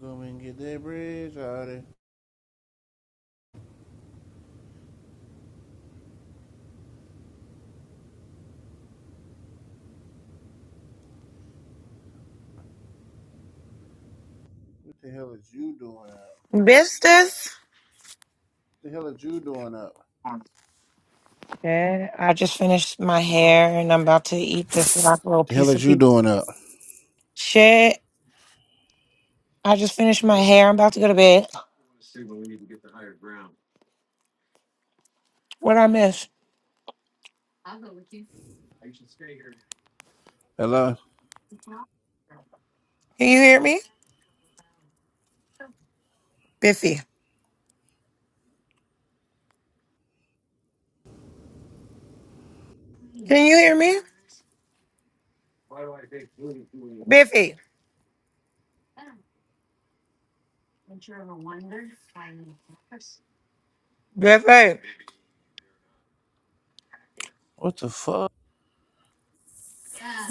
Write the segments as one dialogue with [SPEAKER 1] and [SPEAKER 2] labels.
[SPEAKER 1] Go and get that bridge out of What the hell is you doing up?
[SPEAKER 2] Business.
[SPEAKER 1] What the hell is you doing up? What
[SPEAKER 2] Okay. I just finished my hair and I'm about to eat this last little
[SPEAKER 1] The hell
[SPEAKER 2] piece of
[SPEAKER 1] is you
[SPEAKER 2] pizza.
[SPEAKER 1] doing up?
[SPEAKER 2] Shit. I just finished my hair. I'm about to go to bed. What I miss?
[SPEAKER 1] Hello?
[SPEAKER 2] Can you hear me? Biffy. Can you hear me? Biffy. Biffy.
[SPEAKER 1] What the fuck?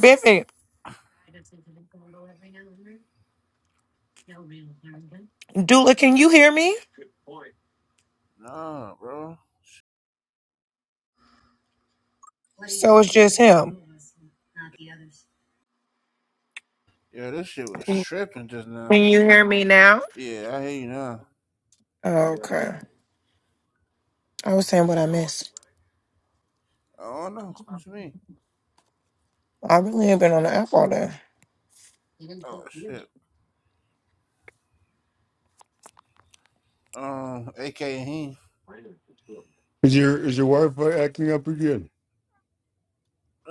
[SPEAKER 2] Biffy. Dula, can you hear me?
[SPEAKER 1] Nah, bro.
[SPEAKER 2] So it's just him.
[SPEAKER 1] Yeah, this shit was
[SPEAKER 2] Can
[SPEAKER 1] tripping just now.
[SPEAKER 2] can you hear me now?
[SPEAKER 1] Yeah, I hear you now.
[SPEAKER 2] Okay. I was saying what I missed.
[SPEAKER 1] I don't know. What you mean?
[SPEAKER 2] I really ain't been on the app all day.
[SPEAKER 1] Oh, shit. Um, AKA he.
[SPEAKER 3] Is your is your Wi-Fi acting up again,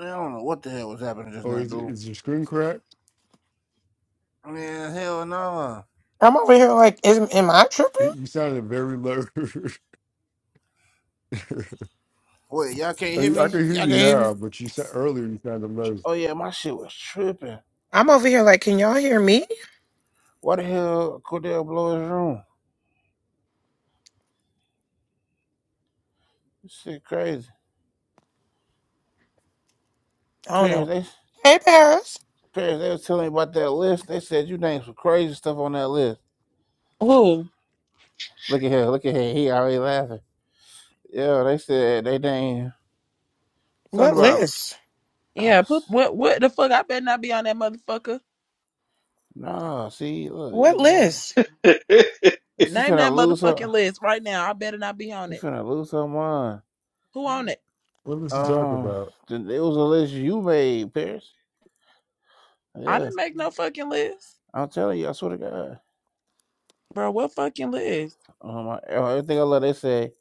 [SPEAKER 1] I don't know what the hell was happening just
[SPEAKER 3] or
[SPEAKER 1] now,
[SPEAKER 3] is
[SPEAKER 1] dude.
[SPEAKER 3] is your screen cracked?
[SPEAKER 1] Man, hell no.
[SPEAKER 2] I'm over here like, is am I tripping?
[SPEAKER 3] You you sounded very low.
[SPEAKER 1] Wait, y'all can't hear
[SPEAKER 3] I I
[SPEAKER 1] me?
[SPEAKER 3] can hear
[SPEAKER 1] Y'all
[SPEAKER 3] you
[SPEAKER 1] can't hear me?
[SPEAKER 3] now, but you said earlier you sounded low.
[SPEAKER 1] Oh, yeah, my shit was tripping.
[SPEAKER 2] I'm over here like, can y'all hear me?
[SPEAKER 1] Why the hell Cordell blow his room? This shit crazy.
[SPEAKER 2] I don't know.
[SPEAKER 1] Parents,
[SPEAKER 2] Hey, Paris.
[SPEAKER 1] Paris, they was telling me about that list. They said you named some crazy stuff on that list.
[SPEAKER 4] Oh,
[SPEAKER 1] Look at him. look at him. He already laughing. Yeah, they said they named something
[SPEAKER 2] What
[SPEAKER 1] about
[SPEAKER 2] list?
[SPEAKER 1] a.
[SPEAKER 4] yeah. Put what what the fuck? I better not be on that motherfucker.
[SPEAKER 1] No, see, look,
[SPEAKER 2] What
[SPEAKER 1] you going.
[SPEAKER 2] list?
[SPEAKER 1] She's
[SPEAKER 4] Name
[SPEAKER 1] finna
[SPEAKER 4] that
[SPEAKER 1] lose her.
[SPEAKER 4] motherfucking list right now. I better not be on
[SPEAKER 1] She's
[SPEAKER 4] it.
[SPEAKER 1] finna lose her mind.
[SPEAKER 4] Who on it?
[SPEAKER 3] What was he talking
[SPEAKER 1] Um,
[SPEAKER 3] about?
[SPEAKER 1] it was a list you made, Paris.
[SPEAKER 4] I
[SPEAKER 1] Yeah,
[SPEAKER 4] didn't make no fucking list.
[SPEAKER 1] I'm telling you, I swear to God.
[SPEAKER 4] Bro, what fucking list?
[SPEAKER 1] Um, I, oh, everything I love, they say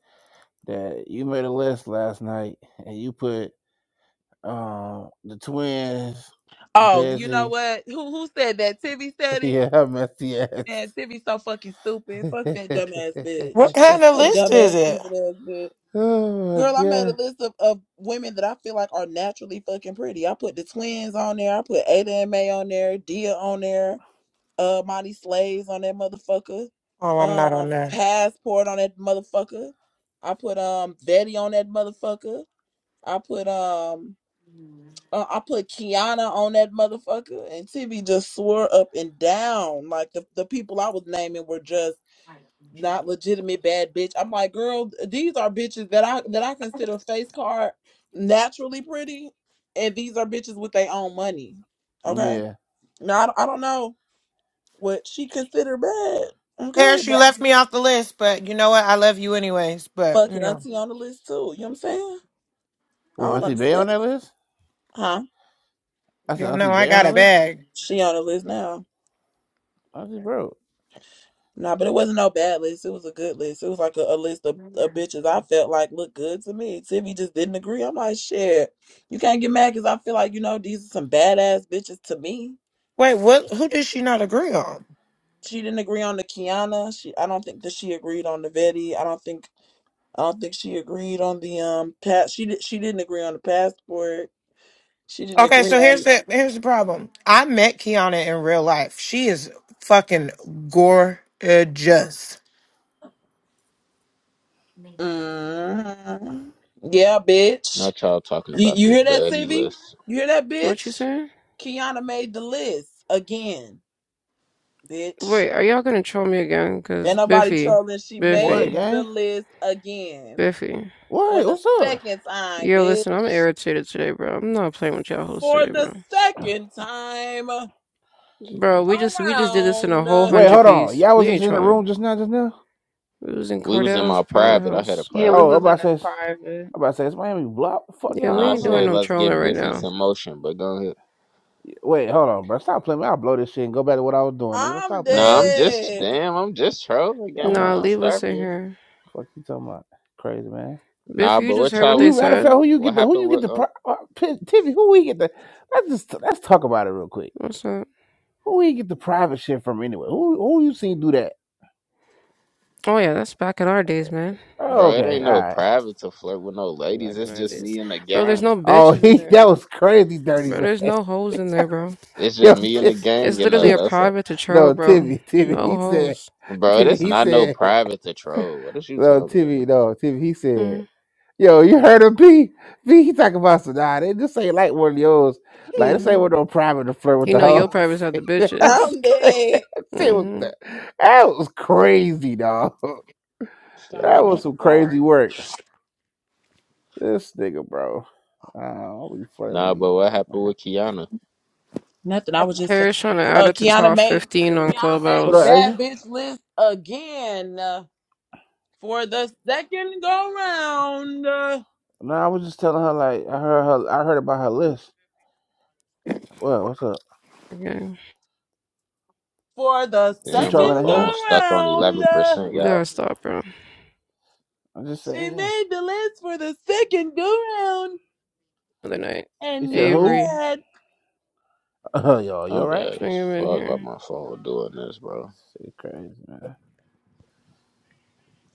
[SPEAKER 1] that you made a list last night and you put um the twins,
[SPEAKER 4] Oh, you
[SPEAKER 1] Desi.
[SPEAKER 4] know what? Who who said that? Tibby said it.
[SPEAKER 1] Yeah, messy ass.
[SPEAKER 4] Man, Tibby's so fucking stupid. Fuck that dumbass
[SPEAKER 2] What
[SPEAKER 4] bitch.
[SPEAKER 2] kind of
[SPEAKER 4] That
[SPEAKER 2] list is
[SPEAKER 4] dumbass
[SPEAKER 2] it?
[SPEAKER 4] stupid ass bitch.
[SPEAKER 1] oh my
[SPEAKER 4] Girl, I made a
[SPEAKER 1] god.
[SPEAKER 4] list of, of women that I feel like are naturally fucking pretty. I put the twins on there. I put Ada and May on there, Dia on there. uh Monty Slaves on that motherfucker.
[SPEAKER 2] Oh, I'm not on
[SPEAKER 4] Um
[SPEAKER 2] there.
[SPEAKER 4] Passport on that motherfucker. I put um Betty on that motherfucker. I put um uh, I put Kiana on that motherfucker and TV just swore up and down. Like the, the people I was naming were just not legitimate bad bitch. I'm like, girl, these are bitches that I that I consider face card naturally pretty. And these are bitches with their own money. Okay.
[SPEAKER 1] Yeah.
[SPEAKER 4] now I, I don't know what she considered bad. Okay,
[SPEAKER 2] Paris, you
[SPEAKER 4] but
[SPEAKER 2] left me off the list, but you know what? I love you anyways. But,
[SPEAKER 4] fuck
[SPEAKER 2] you
[SPEAKER 4] it,
[SPEAKER 2] know,
[SPEAKER 4] auntie on the list too. You know what I'm saying? I
[SPEAKER 1] Well,
[SPEAKER 4] don't
[SPEAKER 1] Auntie Bay
[SPEAKER 4] understand.
[SPEAKER 1] on that list?
[SPEAKER 4] Huh?
[SPEAKER 1] I said
[SPEAKER 2] y'all know
[SPEAKER 1] Auntie
[SPEAKER 2] I
[SPEAKER 1] Bay on
[SPEAKER 2] got
[SPEAKER 1] the
[SPEAKER 2] a
[SPEAKER 1] list?
[SPEAKER 2] bag.
[SPEAKER 4] She on the list now.
[SPEAKER 1] Auntie Bro.
[SPEAKER 4] Nah, but it wasn't no bad list. It was a good list. It was like a, a list of, of bitches I felt like looked good to me. Timmy just didn't agree. I'm like, shit, you can't get mad because I feel like, you know, these are some badass bitches to me.
[SPEAKER 2] Wait, what? Who did she not agree on?
[SPEAKER 4] She didn't agree on the Kiana. She I don't think that she agreed on the Vetti. I don't think I don't think she agreed on the um pass she did she didn't agree on the passport. She didn't
[SPEAKER 2] Okay,
[SPEAKER 4] agree
[SPEAKER 2] so here's
[SPEAKER 4] on.
[SPEAKER 2] the here's the problem. I met Kiana in real life. She is fucking gorgeous.
[SPEAKER 4] Mhm. Yeah, bitch.
[SPEAKER 5] Not y'all talking
[SPEAKER 4] You
[SPEAKER 5] about
[SPEAKER 4] you
[SPEAKER 5] this
[SPEAKER 4] hear
[SPEAKER 5] the
[SPEAKER 4] that,
[SPEAKER 5] Eddie
[SPEAKER 4] CV?
[SPEAKER 5] list.
[SPEAKER 4] You hear that,
[SPEAKER 6] What you
[SPEAKER 4] bitch?
[SPEAKER 6] saying?
[SPEAKER 4] Kiana made the list again, bitch.
[SPEAKER 6] Wait, are y'all gonna troll me again?
[SPEAKER 4] And
[SPEAKER 6] Cause
[SPEAKER 4] nobody
[SPEAKER 6] Biffy,
[SPEAKER 4] trolling. She
[SPEAKER 1] What,
[SPEAKER 4] made
[SPEAKER 6] Biffy,
[SPEAKER 4] the
[SPEAKER 1] gang?
[SPEAKER 4] list again
[SPEAKER 6] Biffy.
[SPEAKER 4] for
[SPEAKER 1] What?
[SPEAKER 4] the
[SPEAKER 1] What's up?
[SPEAKER 4] second time,
[SPEAKER 6] Yo,
[SPEAKER 4] bitch.
[SPEAKER 6] listen, I'm irritated today, bro. I'm not playing with y'all hoes
[SPEAKER 4] For
[SPEAKER 6] today, bro.
[SPEAKER 4] the second time
[SPEAKER 6] Bro,
[SPEAKER 5] We
[SPEAKER 6] we just we just did this in a whole
[SPEAKER 4] around.
[SPEAKER 1] Wait,
[SPEAKER 6] hundred
[SPEAKER 1] hold on.
[SPEAKER 6] piece.
[SPEAKER 1] Y'all was
[SPEAKER 6] We
[SPEAKER 1] just
[SPEAKER 6] ain't
[SPEAKER 1] in the
[SPEAKER 6] trolling.
[SPEAKER 1] room just now, just now?
[SPEAKER 6] We was in
[SPEAKER 5] was in
[SPEAKER 6] Cordell's
[SPEAKER 5] my
[SPEAKER 6] private
[SPEAKER 5] private. I had a
[SPEAKER 6] house.
[SPEAKER 7] Yeah, we
[SPEAKER 1] Oh,
[SPEAKER 5] private,
[SPEAKER 1] I'm
[SPEAKER 7] was in
[SPEAKER 1] about
[SPEAKER 7] his
[SPEAKER 1] to say,
[SPEAKER 7] private.
[SPEAKER 1] I'm about to say, it's Miami Block. Fuck
[SPEAKER 6] Yeah,
[SPEAKER 5] and
[SPEAKER 6] we
[SPEAKER 1] y'all
[SPEAKER 5] I
[SPEAKER 1] was
[SPEAKER 6] ain't doing
[SPEAKER 5] said,
[SPEAKER 1] on.
[SPEAKER 6] no
[SPEAKER 5] "Let's
[SPEAKER 6] trolling
[SPEAKER 5] get
[SPEAKER 6] right
[SPEAKER 5] Biffy
[SPEAKER 6] now.
[SPEAKER 5] some motion." But go ahead.
[SPEAKER 1] Wait, hold on, bro. Stop playing. with me. I'll blow this shit and go back to what I was doing, nigga. Don't
[SPEAKER 4] I'm
[SPEAKER 1] stop playing
[SPEAKER 5] Nah,
[SPEAKER 1] with
[SPEAKER 5] I'm
[SPEAKER 1] me.
[SPEAKER 5] just
[SPEAKER 4] dead.
[SPEAKER 5] damn. I'm just trolling,
[SPEAKER 1] Y'all
[SPEAKER 5] gang.
[SPEAKER 6] Nah,
[SPEAKER 1] want,
[SPEAKER 5] I'll
[SPEAKER 6] leave us
[SPEAKER 5] starve
[SPEAKER 6] in
[SPEAKER 5] you.
[SPEAKER 6] here.
[SPEAKER 1] fuck you talking about? Crazy, man.
[SPEAKER 5] Nah,
[SPEAKER 6] Biffy, you
[SPEAKER 5] but
[SPEAKER 6] just
[SPEAKER 5] what
[SPEAKER 6] heard what
[SPEAKER 1] Who
[SPEAKER 5] y'all
[SPEAKER 6] they
[SPEAKER 1] you
[SPEAKER 5] was
[SPEAKER 1] matter
[SPEAKER 5] ta-
[SPEAKER 1] of fact,
[SPEAKER 6] said.
[SPEAKER 1] who you
[SPEAKER 5] What
[SPEAKER 1] get the who
[SPEAKER 5] happened
[SPEAKER 1] you get
[SPEAKER 5] with?
[SPEAKER 1] the
[SPEAKER 5] Uh,
[SPEAKER 1] pri- uh, pin- Tiffy? Who we get the? Let's just let's talk about it real quick.
[SPEAKER 6] What's up?
[SPEAKER 1] Who we get the private shit from anyway? Who who you seen do that?
[SPEAKER 6] Oh yeah, that's back in our days, man.
[SPEAKER 1] Oh,
[SPEAKER 5] bro, it
[SPEAKER 1] okay, all
[SPEAKER 5] ain't no
[SPEAKER 1] right.
[SPEAKER 5] private to flirt with no ladies.
[SPEAKER 6] Back in
[SPEAKER 5] It's
[SPEAKER 6] our
[SPEAKER 5] just
[SPEAKER 6] days,
[SPEAKER 5] me and the
[SPEAKER 6] bro. There's
[SPEAKER 5] gang.
[SPEAKER 6] no
[SPEAKER 1] Oh,
[SPEAKER 6] bitches in
[SPEAKER 1] he
[SPEAKER 6] there,
[SPEAKER 1] that was crazy dirty
[SPEAKER 6] bro.
[SPEAKER 1] man.
[SPEAKER 6] There's no hoes in there, bro.
[SPEAKER 5] It's just
[SPEAKER 1] Yo,
[SPEAKER 5] me and
[SPEAKER 1] Tim,
[SPEAKER 5] the gang,
[SPEAKER 6] It's
[SPEAKER 5] and
[SPEAKER 6] literally
[SPEAKER 5] uh,
[SPEAKER 1] yo,
[SPEAKER 6] a
[SPEAKER 5] that's all.
[SPEAKER 6] private to troll,
[SPEAKER 1] no
[SPEAKER 6] bro.
[SPEAKER 1] Timmy,
[SPEAKER 6] No
[SPEAKER 1] Timmy. He said,
[SPEAKER 6] hoes.
[SPEAKER 5] Bro,
[SPEAKER 1] Timmy.
[SPEAKER 5] this
[SPEAKER 1] He
[SPEAKER 5] not no
[SPEAKER 1] said,
[SPEAKER 5] private to troll. What is you
[SPEAKER 1] no
[SPEAKER 5] talking about?
[SPEAKER 1] Timmy,
[SPEAKER 5] bro?
[SPEAKER 1] no Timmy. He said. Yo, you heard him, P? P, he talking about some, nah, they- this ain't like one of yours. Like, this
[SPEAKER 6] Mm-hmm.
[SPEAKER 1] ain't one of them private to flirt with
[SPEAKER 6] He
[SPEAKER 1] the
[SPEAKER 6] know your
[SPEAKER 1] hoes.
[SPEAKER 6] privates are the
[SPEAKER 1] that was
[SPEAKER 6] bitches.
[SPEAKER 4] I'm
[SPEAKER 1] crazy.
[SPEAKER 4] dead.
[SPEAKER 1] That shit was,
[SPEAKER 6] Mm-hmm.
[SPEAKER 1] that was crazy, dog.
[SPEAKER 4] Shot
[SPEAKER 1] That
[SPEAKER 4] in
[SPEAKER 5] Damn.
[SPEAKER 1] was
[SPEAKER 4] my
[SPEAKER 1] some
[SPEAKER 4] throat.
[SPEAKER 1] crazy work. This nigga, bro. Uh, I'll be flirting with
[SPEAKER 5] Nah,
[SPEAKER 1] these
[SPEAKER 5] but what
[SPEAKER 1] hoes,
[SPEAKER 5] happened
[SPEAKER 1] man.
[SPEAKER 5] with Kiana?
[SPEAKER 4] Nothing. I was just uh,
[SPEAKER 6] Harris trying to add
[SPEAKER 4] uh,
[SPEAKER 6] it to
[SPEAKER 4] Kiana
[SPEAKER 6] top
[SPEAKER 4] made
[SPEAKER 6] 15 on
[SPEAKER 4] Kiana made
[SPEAKER 1] What
[SPEAKER 4] the
[SPEAKER 6] Clubhouse.
[SPEAKER 1] up,
[SPEAKER 4] bad
[SPEAKER 1] Asia?
[SPEAKER 4] bitch list again uh, for the second go round. uh,
[SPEAKER 1] No, I was just telling her, like, I heard her, I heard about her list. Well, what's up?
[SPEAKER 6] Okay.
[SPEAKER 4] for the
[SPEAKER 1] We
[SPEAKER 5] Damn, my
[SPEAKER 1] trolling at
[SPEAKER 4] second
[SPEAKER 1] her?
[SPEAKER 5] phone
[SPEAKER 4] go
[SPEAKER 5] stuck on
[SPEAKER 4] round,
[SPEAKER 5] eleven
[SPEAKER 4] uh,
[SPEAKER 5] percent,
[SPEAKER 6] We
[SPEAKER 5] y'all.
[SPEAKER 6] gotta stop, bro.
[SPEAKER 1] I'm just
[SPEAKER 4] she
[SPEAKER 1] saying.
[SPEAKER 4] made the list for the second go round,
[SPEAKER 6] Other night.
[SPEAKER 1] You
[SPEAKER 4] and
[SPEAKER 1] said
[SPEAKER 4] you're
[SPEAKER 1] who?
[SPEAKER 6] Avery.
[SPEAKER 4] bad.
[SPEAKER 1] Oh, yo, you
[SPEAKER 5] I'm
[SPEAKER 1] alright?
[SPEAKER 5] bad
[SPEAKER 6] Bring
[SPEAKER 5] as
[SPEAKER 6] him in
[SPEAKER 5] fuck. Why
[SPEAKER 6] here.
[SPEAKER 5] my phone doing this, bro?
[SPEAKER 1] Shit, crazy, man.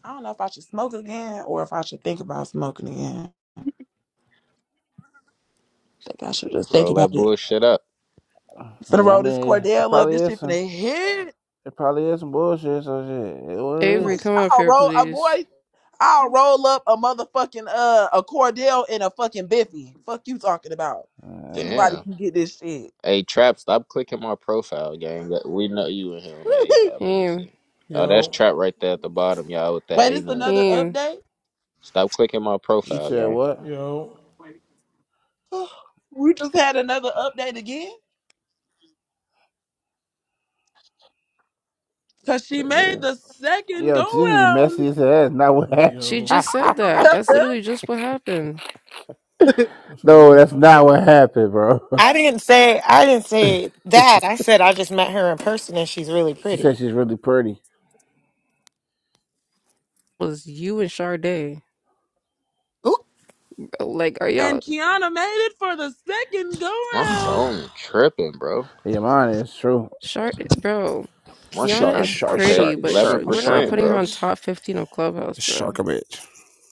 [SPEAKER 4] I don't know if I should smoke again or if I should think about smoking again. I think I should just think
[SPEAKER 5] Roll
[SPEAKER 4] about
[SPEAKER 5] that
[SPEAKER 4] it.
[SPEAKER 5] bullshit up.
[SPEAKER 4] Finna
[SPEAKER 1] Yeah, I
[SPEAKER 4] roll this
[SPEAKER 1] mean, it
[SPEAKER 4] Cordell up.
[SPEAKER 1] probably
[SPEAKER 4] This
[SPEAKER 1] is
[SPEAKER 4] shit
[SPEAKER 1] some,
[SPEAKER 4] finna hit.
[SPEAKER 1] it probably is some bullshit. So shit, it what it
[SPEAKER 4] Boy,
[SPEAKER 1] is.
[SPEAKER 6] Avery, come up
[SPEAKER 4] I'll
[SPEAKER 6] here,
[SPEAKER 4] roll a
[SPEAKER 6] please.
[SPEAKER 4] boy. I'll roll up a motherfucking uh a Cordell and a fucking Biffy. Fuck you talking about.
[SPEAKER 1] Uh,
[SPEAKER 4] Anybody
[SPEAKER 5] Damn.
[SPEAKER 4] can get this shit.
[SPEAKER 5] Hey, Trap, stop clicking my profile, gang. That- We know you in here on the eight.
[SPEAKER 4] Wait,
[SPEAKER 5] Uh, let me
[SPEAKER 6] Him.
[SPEAKER 5] see. Oh, that's
[SPEAKER 8] Yo,
[SPEAKER 5] Trap right there at the bottom, y'all, with that A
[SPEAKER 4] it's
[SPEAKER 5] name.
[SPEAKER 4] another
[SPEAKER 6] Him.
[SPEAKER 4] update.
[SPEAKER 5] Stop clicking my
[SPEAKER 1] you
[SPEAKER 5] profile,
[SPEAKER 1] said
[SPEAKER 5] gang.
[SPEAKER 1] what?
[SPEAKER 8] yo,
[SPEAKER 4] We just had another update again because she
[SPEAKER 5] The
[SPEAKER 4] made
[SPEAKER 5] hell?
[SPEAKER 4] the second
[SPEAKER 1] Yo,
[SPEAKER 4] go
[SPEAKER 1] TV messy
[SPEAKER 4] round,
[SPEAKER 1] as hell. That's not what
[SPEAKER 6] She
[SPEAKER 8] yo.
[SPEAKER 6] just said
[SPEAKER 1] happened.
[SPEAKER 6] that. That's literally just what happened.
[SPEAKER 8] Listen, leave
[SPEAKER 1] no,
[SPEAKER 8] me
[SPEAKER 1] that's
[SPEAKER 8] out,
[SPEAKER 1] not
[SPEAKER 8] show.
[SPEAKER 1] what happened, bro.
[SPEAKER 2] I didn't say I didn't say that. I said I just met her in person and she's really
[SPEAKER 1] She said
[SPEAKER 2] pretty.
[SPEAKER 1] she's really pretty.
[SPEAKER 6] It was you and Sade. Like, are y'all...
[SPEAKER 4] and Kiana made it for the second go
[SPEAKER 5] My
[SPEAKER 4] round.
[SPEAKER 5] phone tripping, bro.
[SPEAKER 1] Yeah, mine is true.
[SPEAKER 6] Shart, bro,
[SPEAKER 5] My shit
[SPEAKER 6] Kiana
[SPEAKER 1] Shark,
[SPEAKER 6] is
[SPEAKER 5] not going
[SPEAKER 1] shark,
[SPEAKER 6] pretty,
[SPEAKER 5] past
[SPEAKER 1] shark,
[SPEAKER 6] but she,
[SPEAKER 1] shark,
[SPEAKER 6] we're not
[SPEAKER 1] shark a
[SPEAKER 5] 11%,
[SPEAKER 6] putting her on
[SPEAKER 5] bro.
[SPEAKER 1] bitch.
[SPEAKER 6] top 15 of Clubhouse, bro.
[SPEAKER 1] Shark a bitch.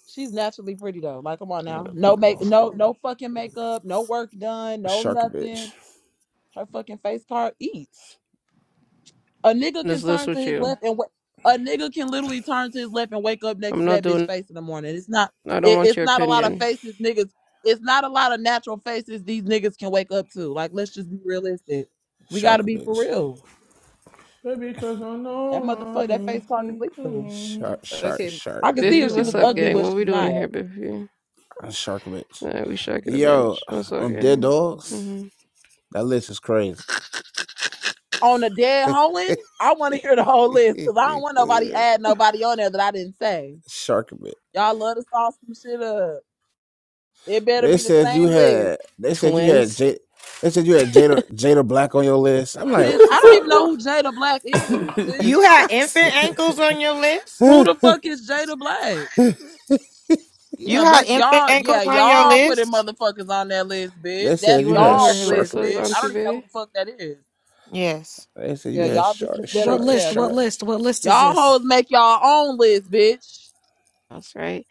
[SPEAKER 4] She's naturally pretty though. Like, come on
[SPEAKER 5] I
[SPEAKER 4] now,
[SPEAKER 5] gotta
[SPEAKER 4] no
[SPEAKER 5] put my
[SPEAKER 4] make, no,
[SPEAKER 5] phone-
[SPEAKER 4] no fucking makeup, no work done, no
[SPEAKER 1] Shark a bitch.
[SPEAKER 4] nothing. Her fucking face card eats. A nigga can
[SPEAKER 6] This list
[SPEAKER 4] turn to
[SPEAKER 6] with
[SPEAKER 4] his
[SPEAKER 6] you.
[SPEAKER 4] left and wa- a nigga can literally turn to his left and wake up next
[SPEAKER 6] I'm
[SPEAKER 4] to
[SPEAKER 6] not
[SPEAKER 4] that bitch
[SPEAKER 6] doing,
[SPEAKER 4] face in the morning. It's not
[SPEAKER 6] I don't
[SPEAKER 4] it,
[SPEAKER 6] want
[SPEAKER 4] it's
[SPEAKER 6] your
[SPEAKER 4] not a lot of
[SPEAKER 6] opinion.
[SPEAKER 4] faces niggas. It's not a lot of natural faces these niggas can wake up to. Like let's just be realistic. We gotta
[SPEAKER 1] Shark a
[SPEAKER 4] be for
[SPEAKER 1] bitch.
[SPEAKER 4] real.
[SPEAKER 8] Baby, cause I
[SPEAKER 4] That
[SPEAKER 8] know I
[SPEAKER 4] motherfucker, that
[SPEAKER 8] can.
[SPEAKER 4] face card is
[SPEAKER 8] mm, mm,
[SPEAKER 4] lethal.
[SPEAKER 8] mm.
[SPEAKER 1] Shark, shark,
[SPEAKER 6] Okay,
[SPEAKER 1] shark.
[SPEAKER 4] I could see
[SPEAKER 8] You
[SPEAKER 6] Biffy,
[SPEAKER 4] if she
[SPEAKER 6] what's
[SPEAKER 4] was
[SPEAKER 8] better
[SPEAKER 6] up,
[SPEAKER 4] ugly,
[SPEAKER 6] gang?
[SPEAKER 4] but
[SPEAKER 8] say.
[SPEAKER 6] What
[SPEAKER 4] she's
[SPEAKER 6] we doing in
[SPEAKER 4] not.
[SPEAKER 6] here, Biffy?
[SPEAKER 1] Shark a bitch.
[SPEAKER 6] Nah, we shocking a
[SPEAKER 1] Yo,
[SPEAKER 6] bitch. What's up,
[SPEAKER 1] on dead
[SPEAKER 6] gang?
[SPEAKER 1] dogs.
[SPEAKER 6] hmm
[SPEAKER 1] That list is crazy.
[SPEAKER 4] On a dead hoeing, I want to hear the whole list because I don't want nobody add nobody on there that I didn't say.
[SPEAKER 1] Sharkbit.
[SPEAKER 4] Y'all love to sauce some shit up. It better
[SPEAKER 1] They
[SPEAKER 4] be the
[SPEAKER 1] said you
[SPEAKER 4] same list.
[SPEAKER 1] had. They said you had
[SPEAKER 6] Twins?
[SPEAKER 1] Jada. They said you had Jada Jada Black on your list. I'm like,
[SPEAKER 4] Bitch,
[SPEAKER 1] what the
[SPEAKER 4] I don't
[SPEAKER 1] fuck?
[SPEAKER 4] even
[SPEAKER 1] bro?
[SPEAKER 4] know who Jada Black is,
[SPEAKER 2] You
[SPEAKER 4] bitch.
[SPEAKER 2] had infant ankles on your list?
[SPEAKER 4] Who the fuck is Jada Black?
[SPEAKER 2] You
[SPEAKER 4] Yeah,
[SPEAKER 2] had
[SPEAKER 4] bitch,
[SPEAKER 2] infant
[SPEAKER 4] y'all,
[SPEAKER 2] ankles
[SPEAKER 4] yeah,
[SPEAKER 2] on your
[SPEAKER 4] y'all putting
[SPEAKER 2] list?
[SPEAKER 4] motherfuckers on that list,
[SPEAKER 1] they
[SPEAKER 4] bitch.
[SPEAKER 1] said
[SPEAKER 6] You
[SPEAKER 4] That's
[SPEAKER 1] you
[SPEAKER 6] want to
[SPEAKER 1] had
[SPEAKER 6] know who
[SPEAKER 4] y'all's
[SPEAKER 6] her
[SPEAKER 4] list,
[SPEAKER 6] list was
[SPEAKER 4] bitch.
[SPEAKER 6] on
[SPEAKER 4] I don't
[SPEAKER 1] Sharkbit.
[SPEAKER 4] even know who
[SPEAKER 6] TV?
[SPEAKER 4] the fuck that is.
[SPEAKER 2] Yes.
[SPEAKER 1] They said you
[SPEAKER 4] Yeah,
[SPEAKER 1] had
[SPEAKER 4] y'all
[SPEAKER 1] Shark
[SPEAKER 4] bitches better,
[SPEAKER 9] What
[SPEAKER 1] Shark
[SPEAKER 9] list?
[SPEAKER 4] yeah,
[SPEAKER 9] What
[SPEAKER 1] Shark.
[SPEAKER 4] bitch.
[SPEAKER 9] list? What list is
[SPEAKER 4] Y'all
[SPEAKER 9] this?
[SPEAKER 4] hoes make y'all own list, bitch.
[SPEAKER 6] That's right.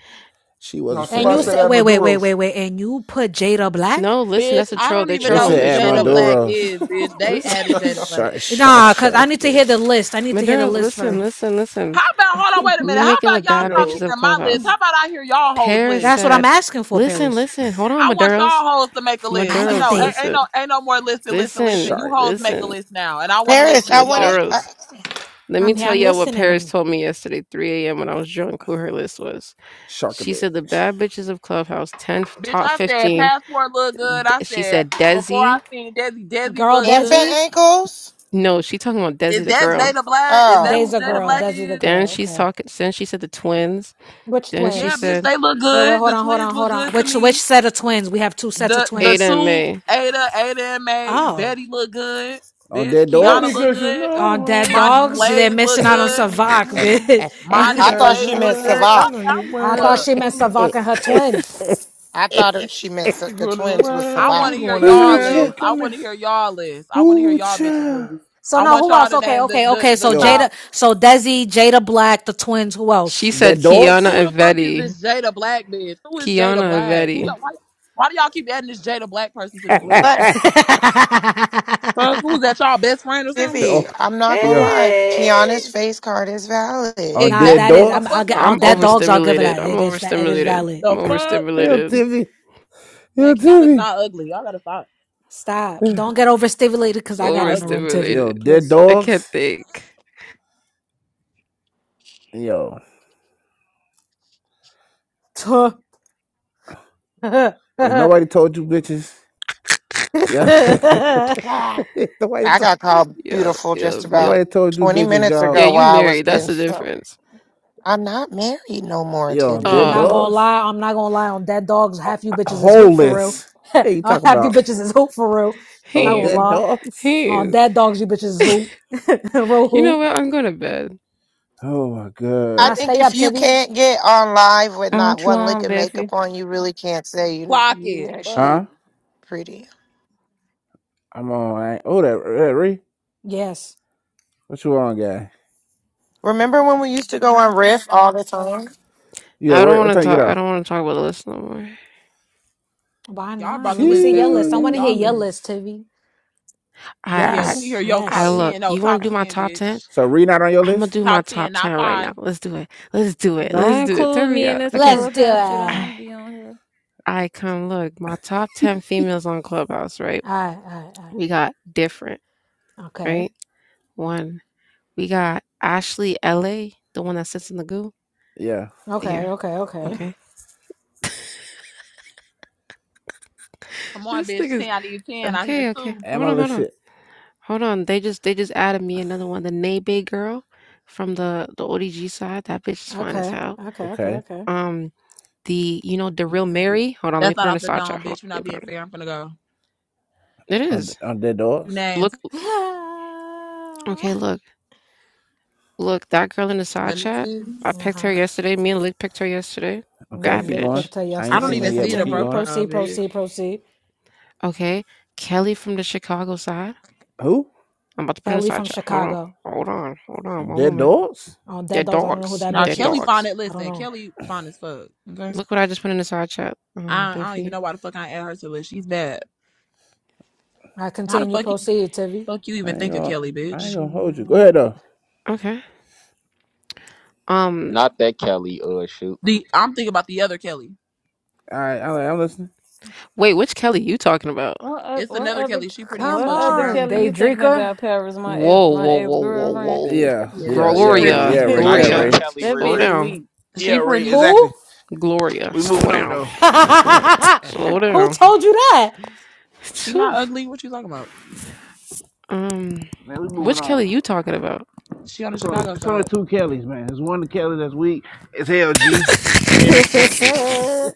[SPEAKER 1] She was
[SPEAKER 8] No,
[SPEAKER 1] a
[SPEAKER 9] And
[SPEAKER 8] somebody
[SPEAKER 9] you
[SPEAKER 8] said
[SPEAKER 9] said,
[SPEAKER 1] fairy.
[SPEAKER 8] that
[SPEAKER 9] wait, wait, wait,
[SPEAKER 8] Maduros.
[SPEAKER 9] wait, wait. And you put Jada Black?
[SPEAKER 6] No, listen,
[SPEAKER 4] Bitch,
[SPEAKER 6] that's a
[SPEAKER 4] I
[SPEAKER 6] troll.
[SPEAKER 4] don't
[SPEAKER 6] They
[SPEAKER 4] even
[SPEAKER 1] They
[SPEAKER 4] know
[SPEAKER 6] trolling.
[SPEAKER 4] who
[SPEAKER 6] They
[SPEAKER 1] said at
[SPEAKER 4] Jada
[SPEAKER 6] trolling.
[SPEAKER 4] Black
[SPEAKER 1] Maduro's
[SPEAKER 4] is, bitch. They
[SPEAKER 6] Listen,
[SPEAKER 4] added Jada Black.
[SPEAKER 1] Shark Shark
[SPEAKER 9] Nah, cause I
[SPEAKER 1] Shark
[SPEAKER 9] need to hear the
[SPEAKER 1] bitch
[SPEAKER 9] list. I need to hear the
[SPEAKER 6] Maduros,
[SPEAKER 9] list
[SPEAKER 6] listen,
[SPEAKER 9] first.
[SPEAKER 6] listen, listen.
[SPEAKER 4] How about, hold on, wait a
[SPEAKER 6] We
[SPEAKER 4] minute. How
[SPEAKER 6] making
[SPEAKER 4] about
[SPEAKER 6] the
[SPEAKER 4] y'all
[SPEAKER 6] bad
[SPEAKER 4] stop
[SPEAKER 6] bitches
[SPEAKER 8] Yo.
[SPEAKER 6] of
[SPEAKER 4] hearing my list?
[SPEAKER 6] Clubhouse.
[SPEAKER 4] How about I hear y'all hoes
[SPEAKER 6] Paris
[SPEAKER 4] list?
[SPEAKER 9] That's what I'm
[SPEAKER 6] said,
[SPEAKER 9] asking for,
[SPEAKER 6] Listen,
[SPEAKER 9] Paris.
[SPEAKER 6] listen, hold on,
[SPEAKER 4] I want y'all
[SPEAKER 6] Maduros.
[SPEAKER 4] hoes to make a list. Uh,
[SPEAKER 6] Maduros,
[SPEAKER 4] No, ain't,
[SPEAKER 9] Váyate.
[SPEAKER 4] ain't
[SPEAKER 6] listen,
[SPEAKER 4] no ain't no more listing, listing,
[SPEAKER 6] listen,
[SPEAKER 4] listing. You
[SPEAKER 1] Shark
[SPEAKER 4] hoes make a
[SPEAKER 6] listen,
[SPEAKER 4] list now, and I want to
[SPEAKER 2] Paris,
[SPEAKER 4] listen
[SPEAKER 2] I
[SPEAKER 4] to y'all
[SPEAKER 2] wanted uh,
[SPEAKER 4] list.
[SPEAKER 6] Maduros. Let me
[SPEAKER 9] I'm here.
[SPEAKER 6] tell
[SPEAKER 9] I'm
[SPEAKER 6] y'all what
[SPEAKER 9] listening.
[SPEAKER 6] Paris
[SPEAKER 9] I'm
[SPEAKER 6] told me yesterday, 3 a.m., when I was drunk, who her list was.
[SPEAKER 1] Shark
[SPEAKER 6] She
[SPEAKER 1] Sharkbit
[SPEAKER 6] said, The bad bitches of Clubhouse, 10,
[SPEAKER 4] Bitch,
[SPEAKER 6] top
[SPEAKER 4] I said
[SPEAKER 6] 15.
[SPEAKER 4] passport look good.
[SPEAKER 6] D-
[SPEAKER 4] I
[SPEAKER 6] She
[SPEAKER 4] said
[SPEAKER 6] said,
[SPEAKER 4] before I
[SPEAKER 6] Desi.
[SPEAKER 4] seen Desi, Desi
[SPEAKER 9] girl
[SPEAKER 4] look
[SPEAKER 2] infant
[SPEAKER 4] good.
[SPEAKER 9] Desi.
[SPEAKER 2] ankles?
[SPEAKER 6] No, she talking about Desi,
[SPEAKER 4] Is
[SPEAKER 6] the
[SPEAKER 4] that
[SPEAKER 6] girl.
[SPEAKER 4] Jada Black? Is that who
[SPEAKER 2] Oh,
[SPEAKER 9] Desi a
[SPEAKER 4] Jada
[SPEAKER 9] girl.
[SPEAKER 4] Black
[SPEAKER 2] okay.
[SPEAKER 9] Desi the
[SPEAKER 4] is?
[SPEAKER 6] Then
[SPEAKER 9] girl.
[SPEAKER 6] she's
[SPEAKER 9] Okay.
[SPEAKER 6] talking, then she said the twins.
[SPEAKER 9] Which
[SPEAKER 6] Then she
[SPEAKER 4] Yeah,
[SPEAKER 9] twins?
[SPEAKER 4] bitch,
[SPEAKER 6] said,
[SPEAKER 4] they look
[SPEAKER 9] Wait, wait,
[SPEAKER 4] good.
[SPEAKER 9] hold
[SPEAKER 4] The
[SPEAKER 9] on, hold
[SPEAKER 4] twins
[SPEAKER 9] on,
[SPEAKER 4] look
[SPEAKER 9] hold on.
[SPEAKER 4] good to
[SPEAKER 9] Which which
[SPEAKER 4] me.
[SPEAKER 9] set of twins? We have two sets of
[SPEAKER 4] The the
[SPEAKER 6] Ada
[SPEAKER 9] twins.
[SPEAKER 6] and
[SPEAKER 4] two
[SPEAKER 6] May.
[SPEAKER 4] Ada, Ada and May,
[SPEAKER 9] Oh.
[SPEAKER 4] Betty look good.
[SPEAKER 1] on
[SPEAKER 4] Bitch,
[SPEAKER 1] dead
[SPEAKER 4] Kiana
[SPEAKER 8] Baby,
[SPEAKER 1] dogs.
[SPEAKER 4] look
[SPEAKER 8] cause you
[SPEAKER 4] good.
[SPEAKER 9] On
[SPEAKER 8] know
[SPEAKER 9] dead
[SPEAKER 8] I
[SPEAKER 4] Monty
[SPEAKER 9] dogs? They're
[SPEAKER 4] Slays
[SPEAKER 8] know
[SPEAKER 9] missing
[SPEAKER 4] look
[SPEAKER 9] out on
[SPEAKER 4] good.
[SPEAKER 8] you.
[SPEAKER 9] Savak,
[SPEAKER 8] uh, uh.
[SPEAKER 9] bitch.
[SPEAKER 8] You
[SPEAKER 4] Monty
[SPEAKER 2] I
[SPEAKER 8] bad
[SPEAKER 2] thought
[SPEAKER 8] as
[SPEAKER 4] Slays
[SPEAKER 2] she meant
[SPEAKER 4] look good.
[SPEAKER 8] hell.
[SPEAKER 4] Y'all,
[SPEAKER 8] I
[SPEAKER 2] Savat.
[SPEAKER 8] know
[SPEAKER 4] I
[SPEAKER 8] you
[SPEAKER 4] don't give a
[SPEAKER 9] I thought
[SPEAKER 8] well.
[SPEAKER 4] fuck.
[SPEAKER 9] she meant
[SPEAKER 8] Come here.
[SPEAKER 9] Savak and her twin.
[SPEAKER 2] I thought it, she meant sa-
[SPEAKER 8] You
[SPEAKER 2] the
[SPEAKER 8] Good in the
[SPEAKER 2] twins was
[SPEAKER 4] I
[SPEAKER 8] well.
[SPEAKER 2] Savat.
[SPEAKER 4] want
[SPEAKER 8] You
[SPEAKER 4] to hear
[SPEAKER 8] going to
[SPEAKER 1] Ooh,
[SPEAKER 4] y'all
[SPEAKER 8] hell.
[SPEAKER 1] cha.
[SPEAKER 4] list. I
[SPEAKER 8] Come
[SPEAKER 4] want
[SPEAKER 8] here.
[SPEAKER 4] to hear y'all list. I want to hear
[SPEAKER 1] Ooh,
[SPEAKER 4] y'all bitches
[SPEAKER 1] cha.
[SPEAKER 4] list.
[SPEAKER 9] So
[SPEAKER 4] I
[SPEAKER 9] no,
[SPEAKER 4] want
[SPEAKER 9] who
[SPEAKER 4] y'all
[SPEAKER 9] else?
[SPEAKER 4] to
[SPEAKER 9] Okay,
[SPEAKER 4] name the
[SPEAKER 9] okay,
[SPEAKER 4] the
[SPEAKER 9] okay.
[SPEAKER 4] the
[SPEAKER 9] So
[SPEAKER 1] Yo,
[SPEAKER 4] top.
[SPEAKER 9] Jada, so Desi, Jada Black, the twins. Who
[SPEAKER 6] She
[SPEAKER 9] else?
[SPEAKER 6] said,
[SPEAKER 1] dead
[SPEAKER 6] Kiana
[SPEAKER 1] dogs.
[SPEAKER 4] Who
[SPEAKER 6] and
[SPEAKER 4] the fuck is
[SPEAKER 6] Vetti.
[SPEAKER 4] this Jada Black bitch? Who is Jada
[SPEAKER 6] Kiana and
[SPEAKER 4] Black? Who
[SPEAKER 6] Vetti.
[SPEAKER 4] y'all? Why, why do y'all keep adding this Jada Black person to this list? Fuck, who's that? Y'all best friend or something?
[SPEAKER 2] Vivi,
[SPEAKER 1] oh,
[SPEAKER 2] I'm not gonna
[SPEAKER 1] yeah.
[SPEAKER 2] lie. Kiana's
[SPEAKER 9] hey.
[SPEAKER 2] face card is valid.
[SPEAKER 1] On
[SPEAKER 9] Nah,
[SPEAKER 1] dead
[SPEAKER 9] that
[SPEAKER 4] Exactly.
[SPEAKER 9] is.
[SPEAKER 4] What the
[SPEAKER 9] I'm.
[SPEAKER 4] fuck
[SPEAKER 9] I'll
[SPEAKER 1] dogs.
[SPEAKER 9] get.
[SPEAKER 4] wrong with
[SPEAKER 9] I'll,
[SPEAKER 6] I'm
[SPEAKER 4] this
[SPEAKER 9] that
[SPEAKER 4] bitch?
[SPEAKER 9] dogs. I'll give it
[SPEAKER 6] overstimulated.
[SPEAKER 9] that.
[SPEAKER 6] I'm
[SPEAKER 9] It is. fa- It is
[SPEAKER 6] overstimulated.
[SPEAKER 9] valid.
[SPEAKER 4] The
[SPEAKER 6] I'm
[SPEAKER 4] fuck,
[SPEAKER 1] Hell,
[SPEAKER 6] overstimulated.
[SPEAKER 1] Tiffy. Hell,
[SPEAKER 4] man. Kiana's
[SPEAKER 1] Tiffy.
[SPEAKER 4] not ugly. Y'all gotta stop.
[SPEAKER 9] Stop. Don't get overstimulated because I
[SPEAKER 4] She's
[SPEAKER 9] got
[SPEAKER 4] not
[SPEAKER 9] in the
[SPEAKER 4] ugly.
[SPEAKER 9] room, Tivy.
[SPEAKER 1] Yo,
[SPEAKER 6] Overstimulated.
[SPEAKER 1] dead
[SPEAKER 9] Please.
[SPEAKER 6] I can't
[SPEAKER 1] dogs.
[SPEAKER 6] think.
[SPEAKER 1] Yo,
[SPEAKER 9] I'm
[SPEAKER 1] if nobody told you bitches, yeah. If nobody,
[SPEAKER 2] I
[SPEAKER 1] to-
[SPEAKER 2] got called
[SPEAKER 6] Yeah,
[SPEAKER 2] beautiful
[SPEAKER 6] yeah,
[SPEAKER 2] just
[SPEAKER 6] yeah.
[SPEAKER 2] about
[SPEAKER 1] nobody told you
[SPEAKER 2] 20
[SPEAKER 1] bitches,
[SPEAKER 2] minutes
[SPEAKER 1] y'all.
[SPEAKER 6] Yeah,
[SPEAKER 2] ago
[SPEAKER 6] you
[SPEAKER 2] while I was
[SPEAKER 6] married. That's
[SPEAKER 2] getting
[SPEAKER 6] the
[SPEAKER 2] some.
[SPEAKER 6] difference.
[SPEAKER 2] I'm not married no more,
[SPEAKER 1] Yo, dead
[SPEAKER 2] Tibby.
[SPEAKER 9] not
[SPEAKER 6] Oh,
[SPEAKER 9] gonna
[SPEAKER 1] dogs.
[SPEAKER 9] lie. I'm not gonna lie. On dead dogs,
[SPEAKER 1] Uh,
[SPEAKER 9] half you
[SPEAKER 1] uh,
[SPEAKER 9] bitches is hoop for real.
[SPEAKER 1] Holeless. Hey, you talk
[SPEAKER 9] half you
[SPEAKER 1] about
[SPEAKER 9] bitches is hoop for real.
[SPEAKER 1] oh
[SPEAKER 9] Not gonna
[SPEAKER 6] he,
[SPEAKER 1] dead
[SPEAKER 9] lie.
[SPEAKER 1] dogs.
[SPEAKER 9] Oh,
[SPEAKER 6] he.
[SPEAKER 9] that dogs you bitches is who? Roll
[SPEAKER 6] You know
[SPEAKER 9] who?
[SPEAKER 6] what? I'm going to bed.
[SPEAKER 1] Oh my
[SPEAKER 2] I
[SPEAKER 9] Now
[SPEAKER 1] god.
[SPEAKER 2] think
[SPEAKER 9] stay
[SPEAKER 2] if
[SPEAKER 9] up,
[SPEAKER 2] you
[SPEAKER 9] Tivy.
[SPEAKER 2] can't get on live with
[SPEAKER 10] I
[SPEAKER 2] not
[SPEAKER 10] want you
[SPEAKER 2] one lick
[SPEAKER 10] on,
[SPEAKER 2] of
[SPEAKER 10] Beffy.
[SPEAKER 2] makeup on, you really can't say you
[SPEAKER 4] Clock
[SPEAKER 2] you
[SPEAKER 4] it. Fuck.
[SPEAKER 2] naturally.
[SPEAKER 1] Huh?
[SPEAKER 2] Pretty.
[SPEAKER 1] I'm on. I ain't- Oh, that, that Ree.
[SPEAKER 9] Yes.
[SPEAKER 1] What you on, guy?
[SPEAKER 2] Remember when we used to go on Riff all the time?
[SPEAKER 1] Yeah.
[SPEAKER 6] I
[SPEAKER 1] Where?
[SPEAKER 6] don't
[SPEAKER 1] What
[SPEAKER 6] want to
[SPEAKER 1] time you get
[SPEAKER 6] talk. I
[SPEAKER 1] on?
[SPEAKER 6] don't want to talk about this no more.
[SPEAKER 9] Why
[SPEAKER 4] Y'all
[SPEAKER 9] not?
[SPEAKER 4] brought
[SPEAKER 9] Let
[SPEAKER 4] the
[SPEAKER 9] me
[SPEAKER 4] list
[SPEAKER 9] see your
[SPEAKER 4] back up.
[SPEAKER 9] list. I
[SPEAKER 1] Jeez.
[SPEAKER 4] That's
[SPEAKER 9] want to hear
[SPEAKER 4] y'all
[SPEAKER 9] your
[SPEAKER 4] list.
[SPEAKER 9] list, Tivy.
[SPEAKER 6] I,
[SPEAKER 4] Yeah. Let
[SPEAKER 6] I,
[SPEAKER 4] me
[SPEAKER 9] Yes,
[SPEAKER 4] hear your
[SPEAKER 6] I
[SPEAKER 4] top
[SPEAKER 9] yes.
[SPEAKER 6] look.
[SPEAKER 4] ten. No,
[SPEAKER 6] You want
[SPEAKER 4] top
[SPEAKER 6] to do my
[SPEAKER 4] ten,
[SPEAKER 6] top ten?
[SPEAKER 4] bitch.
[SPEAKER 1] So Reed not on your
[SPEAKER 6] I'm gonna
[SPEAKER 1] list?
[SPEAKER 6] do my
[SPEAKER 4] Top
[SPEAKER 6] top
[SPEAKER 4] ten,
[SPEAKER 6] ten
[SPEAKER 4] not
[SPEAKER 6] right now.
[SPEAKER 4] five.
[SPEAKER 6] Let's do it. Let's do it.
[SPEAKER 10] Don't
[SPEAKER 6] Let's do it.
[SPEAKER 10] include
[SPEAKER 6] Hurry
[SPEAKER 10] me in
[SPEAKER 6] up.
[SPEAKER 10] this
[SPEAKER 6] Okay.
[SPEAKER 9] Let's do it.
[SPEAKER 10] clubhouse shit. I
[SPEAKER 9] All
[SPEAKER 6] I,
[SPEAKER 10] don't be on here.
[SPEAKER 6] I come look. My top ten females on Clubhouse. Right.
[SPEAKER 9] right, all right, all
[SPEAKER 6] We got different.
[SPEAKER 9] right. Okay.
[SPEAKER 6] Right? 1. We got Ashley LA, the one that sits in the goo?
[SPEAKER 1] Yeah.
[SPEAKER 9] Okay,
[SPEAKER 6] Yeah,
[SPEAKER 9] okay, okay.
[SPEAKER 6] okay.
[SPEAKER 4] Come on,
[SPEAKER 6] This thing
[SPEAKER 4] bitch.
[SPEAKER 6] is
[SPEAKER 4] 10 out of you 10 out here,
[SPEAKER 6] okay, okay.
[SPEAKER 4] too.
[SPEAKER 1] Am
[SPEAKER 6] Hold
[SPEAKER 1] I
[SPEAKER 6] on, hold on.
[SPEAKER 1] listed?
[SPEAKER 6] Hold on. They just they just added me another one, the Nebe girl from the the ODG side. That bitch is fine as
[SPEAKER 9] Okay,
[SPEAKER 6] hell.
[SPEAKER 9] okay, okay,
[SPEAKER 1] Okay.
[SPEAKER 9] okay.
[SPEAKER 6] Um, the you know, the real Mary. Hold on, let me
[SPEAKER 4] That's
[SPEAKER 6] put her
[SPEAKER 4] not
[SPEAKER 6] in
[SPEAKER 4] off
[SPEAKER 6] the
[SPEAKER 4] the
[SPEAKER 6] side
[SPEAKER 4] dome,
[SPEAKER 6] chat. Hold on.
[SPEAKER 4] bitch. You're
[SPEAKER 6] Let
[SPEAKER 4] not
[SPEAKER 6] me put
[SPEAKER 4] being
[SPEAKER 6] her in.
[SPEAKER 4] fair. I'm finna go.
[SPEAKER 6] It
[SPEAKER 1] On
[SPEAKER 6] is.
[SPEAKER 1] on Dead
[SPEAKER 4] Two
[SPEAKER 1] Dogs.
[SPEAKER 4] Names.
[SPEAKER 6] Look okay, look. Look, that girl in the side
[SPEAKER 4] Let me
[SPEAKER 6] chat.
[SPEAKER 4] see.
[SPEAKER 6] I picked her
[SPEAKER 9] uh-huh.
[SPEAKER 6] yesterday. Me and Lick picked her yesterday.
[SPEAKER 9] Me
[SPEAKER 1] Okay,
[SPEAKER 6] Bad
[SPEAKER 9] and
[SPEAKER 1] keep
[SPEAKER 9] Lick
[SPEAKER 1] going.
[SPEAKER 6] bitch.
[SPEAKER 9] picked her
[SPEAKER 1] I
[SPEAKER 4] I
[SPEAKER 1] ain't
[SPEAKER 9] yesterday.
[SPEAKER 4] don't
[SPEAKER 1] seen
[SPEAKER 9] Okay,
[SPEAKER 1] her
[SPEAKER 4] even
[SPEAKER 1] yet,
[SPEAKER 4] see
[SPEAKER 1] but
[SPEAKER 4] the
[SPEAKER 1] keep
[SPEAKER 9] continue.
[SPEAKER 1] going.
[SPEAKER 4] profile,
[SPEAKER 9] Proceed,
[SPEAKER 4] bitch.
[SPEAKER 9] proceed, proceed.
[SPEAKER 6] Okay. Kelly from the Chicago side.
[SPEAKER 1] Who?
[SPEAKER 6] I'm about to put it in the
[SPEAKER 9] Kelly
[SPEAKER 6] side
[SPEAKER 9] from
[SPEAKER 6] chat. Hold on.
[SPEAKER 9] Chicago.
[SPEAKER 6] Hold on. Hold on. One
[SPEAKER 1] Dead
[SPEAKER 6] moment.
[SPEAKER 1] Dogs?
[SPEAKER 9] Oh,
[SPEAKER 6] They're
[SPEAKER 9] Dead Dogs. I don't know who
[SPEAKER 6] dogs.
[SPEAKER 9] that
[SPEAKER 4] Now,
[SPEAKER 6] They're
[SPEAKER 9] bitch
[SPEAKER 4] Kelly
[SPEAKER 9] is.
[SPEAKER 4] fine
[SPEAKER 6] dogs.
[SPEAKER 4] it.
[SPEAKER 9] I don't
[SPEAKER 4] Listen,
[SPEAKER 9] know.
[SPEAKER 4] Kelly fine as fuck. Okay.
[SPEAKER 6] Look what I just put in the side chat. Um,
[SPEAKER 4] I, I don't even
[SPEAKER 6] Biffy.
[SPEAKER 4] know why the fuck I add her to the list. She's bad.
[SPEAKER 9] I
[SPEAKER 4] How the
[SPEAKER 9] continue.
[SPEAKER 4] fuck you,
[SPEAKER 9] Proceed, Tivy.
[SPEAKER 4] fuck you
[SPEAKER 1] I
[SPEAKER 4] even
[SPEAKER 1] ain't
[SPEAKER 4] think of
[SPEAKER 1] gonna
[SPEAKER 4] Kelly,
[SPEAKER 1] I ain't
[SPEAKER 4] bitch?
[SPEAKER 1] gonna hold you. Go ahead
[SPEAKER 8] All
[SPEAKER 1] though.
[SPEAKER 6] Okay. Um,
[SPEAKER 5] Not that Kelly, uh, shoot.
[SPEAKER 4] The I'm thinking about the other Kelly.
[SPEAKER 1] All right, I'm, I'm listening.
[SPEAKER 6] wait, which Kelly you talking about?
[SPEAKER 10] What, o-
[SPEAKER 4] It's
[SPEAKER 10] what
[SPEAKER 4] another
[SPEAKER 10] other,
[SPEAKER 4] Kelly. She pretty as
[SPEAKER 9] Come
[SPEAKER 10] what
[SPEAKER 4] fuck. She
[SPEAKER 10] other
[SPEAKER 4] brown
[SPEAKER 9] on,
[SPEAKER 10] Kelly you
[SPEAKER 4] skin.
[SPEAKER 10] thinking
[SPEAKER 9] Daydrinker.
[SPEAKER 10] about? Paris, my ex,
[SPEAKER 6] Whoa,
[SPEAKER 10] my
[SPEAKER 6] whoa,
[SPEAKER 10] ex
[SPEAKER 6] whoa, whoa,
[SPEAKER 10] girlfriend.
[SPEAKER 6] whoa.
[SPEAKER 1] Yeah,
[SPEAKER 4] Yeah,
[SPEAKER 1] yeah, yeah,
[SPEAKER 4] she pretty.
[SPEAKER 1] Ray, yeah,
[SPEAKER 6] Gloria,
[SPEAKER 1] Ray, yeah,
[SPEAKER 5] Not
[SPEAKER 10] that
[SPEAKER 5] your
[SPEAKER 6] Gloria,
[SPEAKER 1] Ray.
[SPEAKER 5] Kelly,
[SPEAKER 6] slow
[SPEAKER 5] Riri.
[SPEAKER 10] bitch
[SPEAKER 6] down.
[SPEAKER 10] weak.
[SPEAKER 1] Yeah,
[SPEAKER 4] She
[SPEAKER 1] Ray,
[SPEAKER 4] pretty.
[SPEAKER 9] Who?
[SPEAKER 1] exactly.
[SPEAKER 6] Gloria,
[SPEAKER 1] We
[SPEAKER 6] slow
[SPEAKER 1] moving on
[SPEAKER 6] down.
[SPEAKER 1] though.
[SPEAKER 6] Slow
[SPEAKER 9] who
[SPEAKER 6] down.
[SPEAKER 9] told you that?
[SPEAKER 4] She not
[SPEAKER 6] Phew.
[SPEAKER 4] ugly. What you talking about?
[SPEAKER 6] um,
[SPEAKER 1] Man, we moving
[SPEAKER 6] which
[SPEAKER 1] on.
[SPEAKER 6] Kelly you talking about?
[SPEAKER 4] She on the
[SPEAKER 1] It's only,
[SPEAKER 4] Chicago
[SPEAKER 1] it's only
[SPEAKER 4] side.
[SPEAKER 1] two Kellys, man. It's one Kelly that's weak. It's LG. And then it's one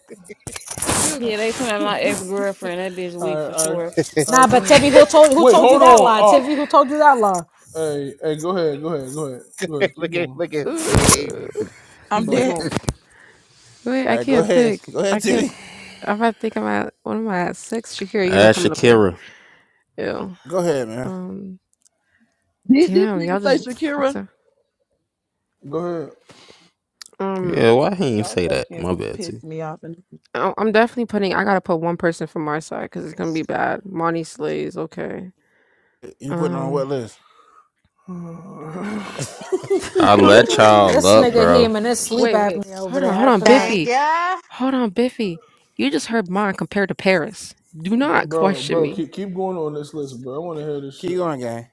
[SPEAKER 6] you,
[SPEAKER 10] Yeah, they talking about my ex girlfriend. That bitch
[SPEAKER 8] right,
[SPEAKER 10] weak for
[SPEAKER 8] all right,
[SPEAKER 10] sure.
[SPEAKER 8] all
[SPEAKER 9] nah,
[SPEAKER 8] right,
[SPEAKER 9] but
[SPEAKER 8] come
[SPEAKER 9] Tevi,
[SPEAKER 8] on.
[SPEAKER 9] who told who
[SPEAKER 8] Wait,
[SPEAKER 9] told you
[SPEAKER 8] hold
[SPEAKER 9] that
[SPEAKER 8] on.
[SPEAKER 9] lie?
[SPEAKER 8] Uh,
[SPEAKER 9] Tevi, who told you that lie?
[SPEAKER 8] Hey, hey, go ahead, go ahead, go ahead, go ahead. Keep
[SPEAKER 1] look at
[SPEAKER 8] going,
[SPEAKER 1] look at look at Abe.
[SPEAKER 6] uh,
[SPEAKER 4] I'm
[SPEAKER 6] wait.
[SPEAKER 8] keep
[SPEAKER 4] dead.
[SPEAKER 8] going.
[SPEAKER 6] Wait, I
[SPEAKER 1] All right, go
[SPEAKER 6] can't
[SPEAKER 1] ahead.
[SPEAKER 6] think.
[SPEAKER 1] Go
[SPEAKER 6] I
[SPEAKER 1] ahead,
[SPEAKER 6] can't.
[SPEAKER 1] Titty.
[SPEAKER 6] If I think I'm at, what am I at? Six? Shakira, you're
[SPEAKER 5] Ah,
[SPEAKER 6] not coming up here.
[SPEAKER 5] Shakira.
[SPEAKER 6] Ew.
[SPEAKER 1] Go ahead, man.
[SPEAKER 6] Um.
[SPEAKER 4] Did this
[SPEAKER 6] Damn, y'all
[SPEAKER 4] nigga say
[SPEAKER 6] just fucked
[SPEAKER 4] Shakira?
[SPEAKER 6] up.
[SPEAKER 8] Go ahead,
[SPEAKER 6] Um.
[SPEAKER 5] Yeah, why he ain't
[SPEAKER 4] Don't
[SPEAKER 5] say that?
[SPEAKER 4] fucking
[SPEAKER 5] My bad, too.
[SPEAKER 4] piss me off. And
[SPEAKER 6] I- I'm definitely putting. I gotta put one person from our side because it's gonna be bad. Monty slays. Okay.
[SPEAKER 1] You putting on what
[SPEAKER 6] Um.
[SPEAKER 1] list?
[SPEAKER 5] I let
[SPEAKER 4] Oh,
[SPEAKER 5] y'all
[SPEAKER 9] This
[SPEAKER 5] up,
[SPEAKER 9] nigga
[SPEAKER 5] bro.
[SPEAKER 9] him and his sleep
[SPEAKER 6] wait, wait.
[SPEAKER 9] apnea over
[SPEAKER 6] Hold on,
[SPEAKER 9] there
[SPEAKER 6] hold on,
[SPEAKER 9] acting
[SPEAKER 11] Dang,
[SPEAKER 9] up.
[SPEAKER 6] Biffy.
[SPEAKER 11] yeah.
[SPEAKER 6] Hold on, Biffy. You just heard mine compared to Paris. Do not
[SPEAKER 8] bro,
[SPEAKER 6] question
[SPEAKER 8] bro.
[SPEAKER 6] me.
[SPEAKER 8] Keep keep going on this list, bro. I want to hear this
[SPEAKER 1] Keep
[SPEAKER 8] shit.
[SPEAKER 1] going, gang.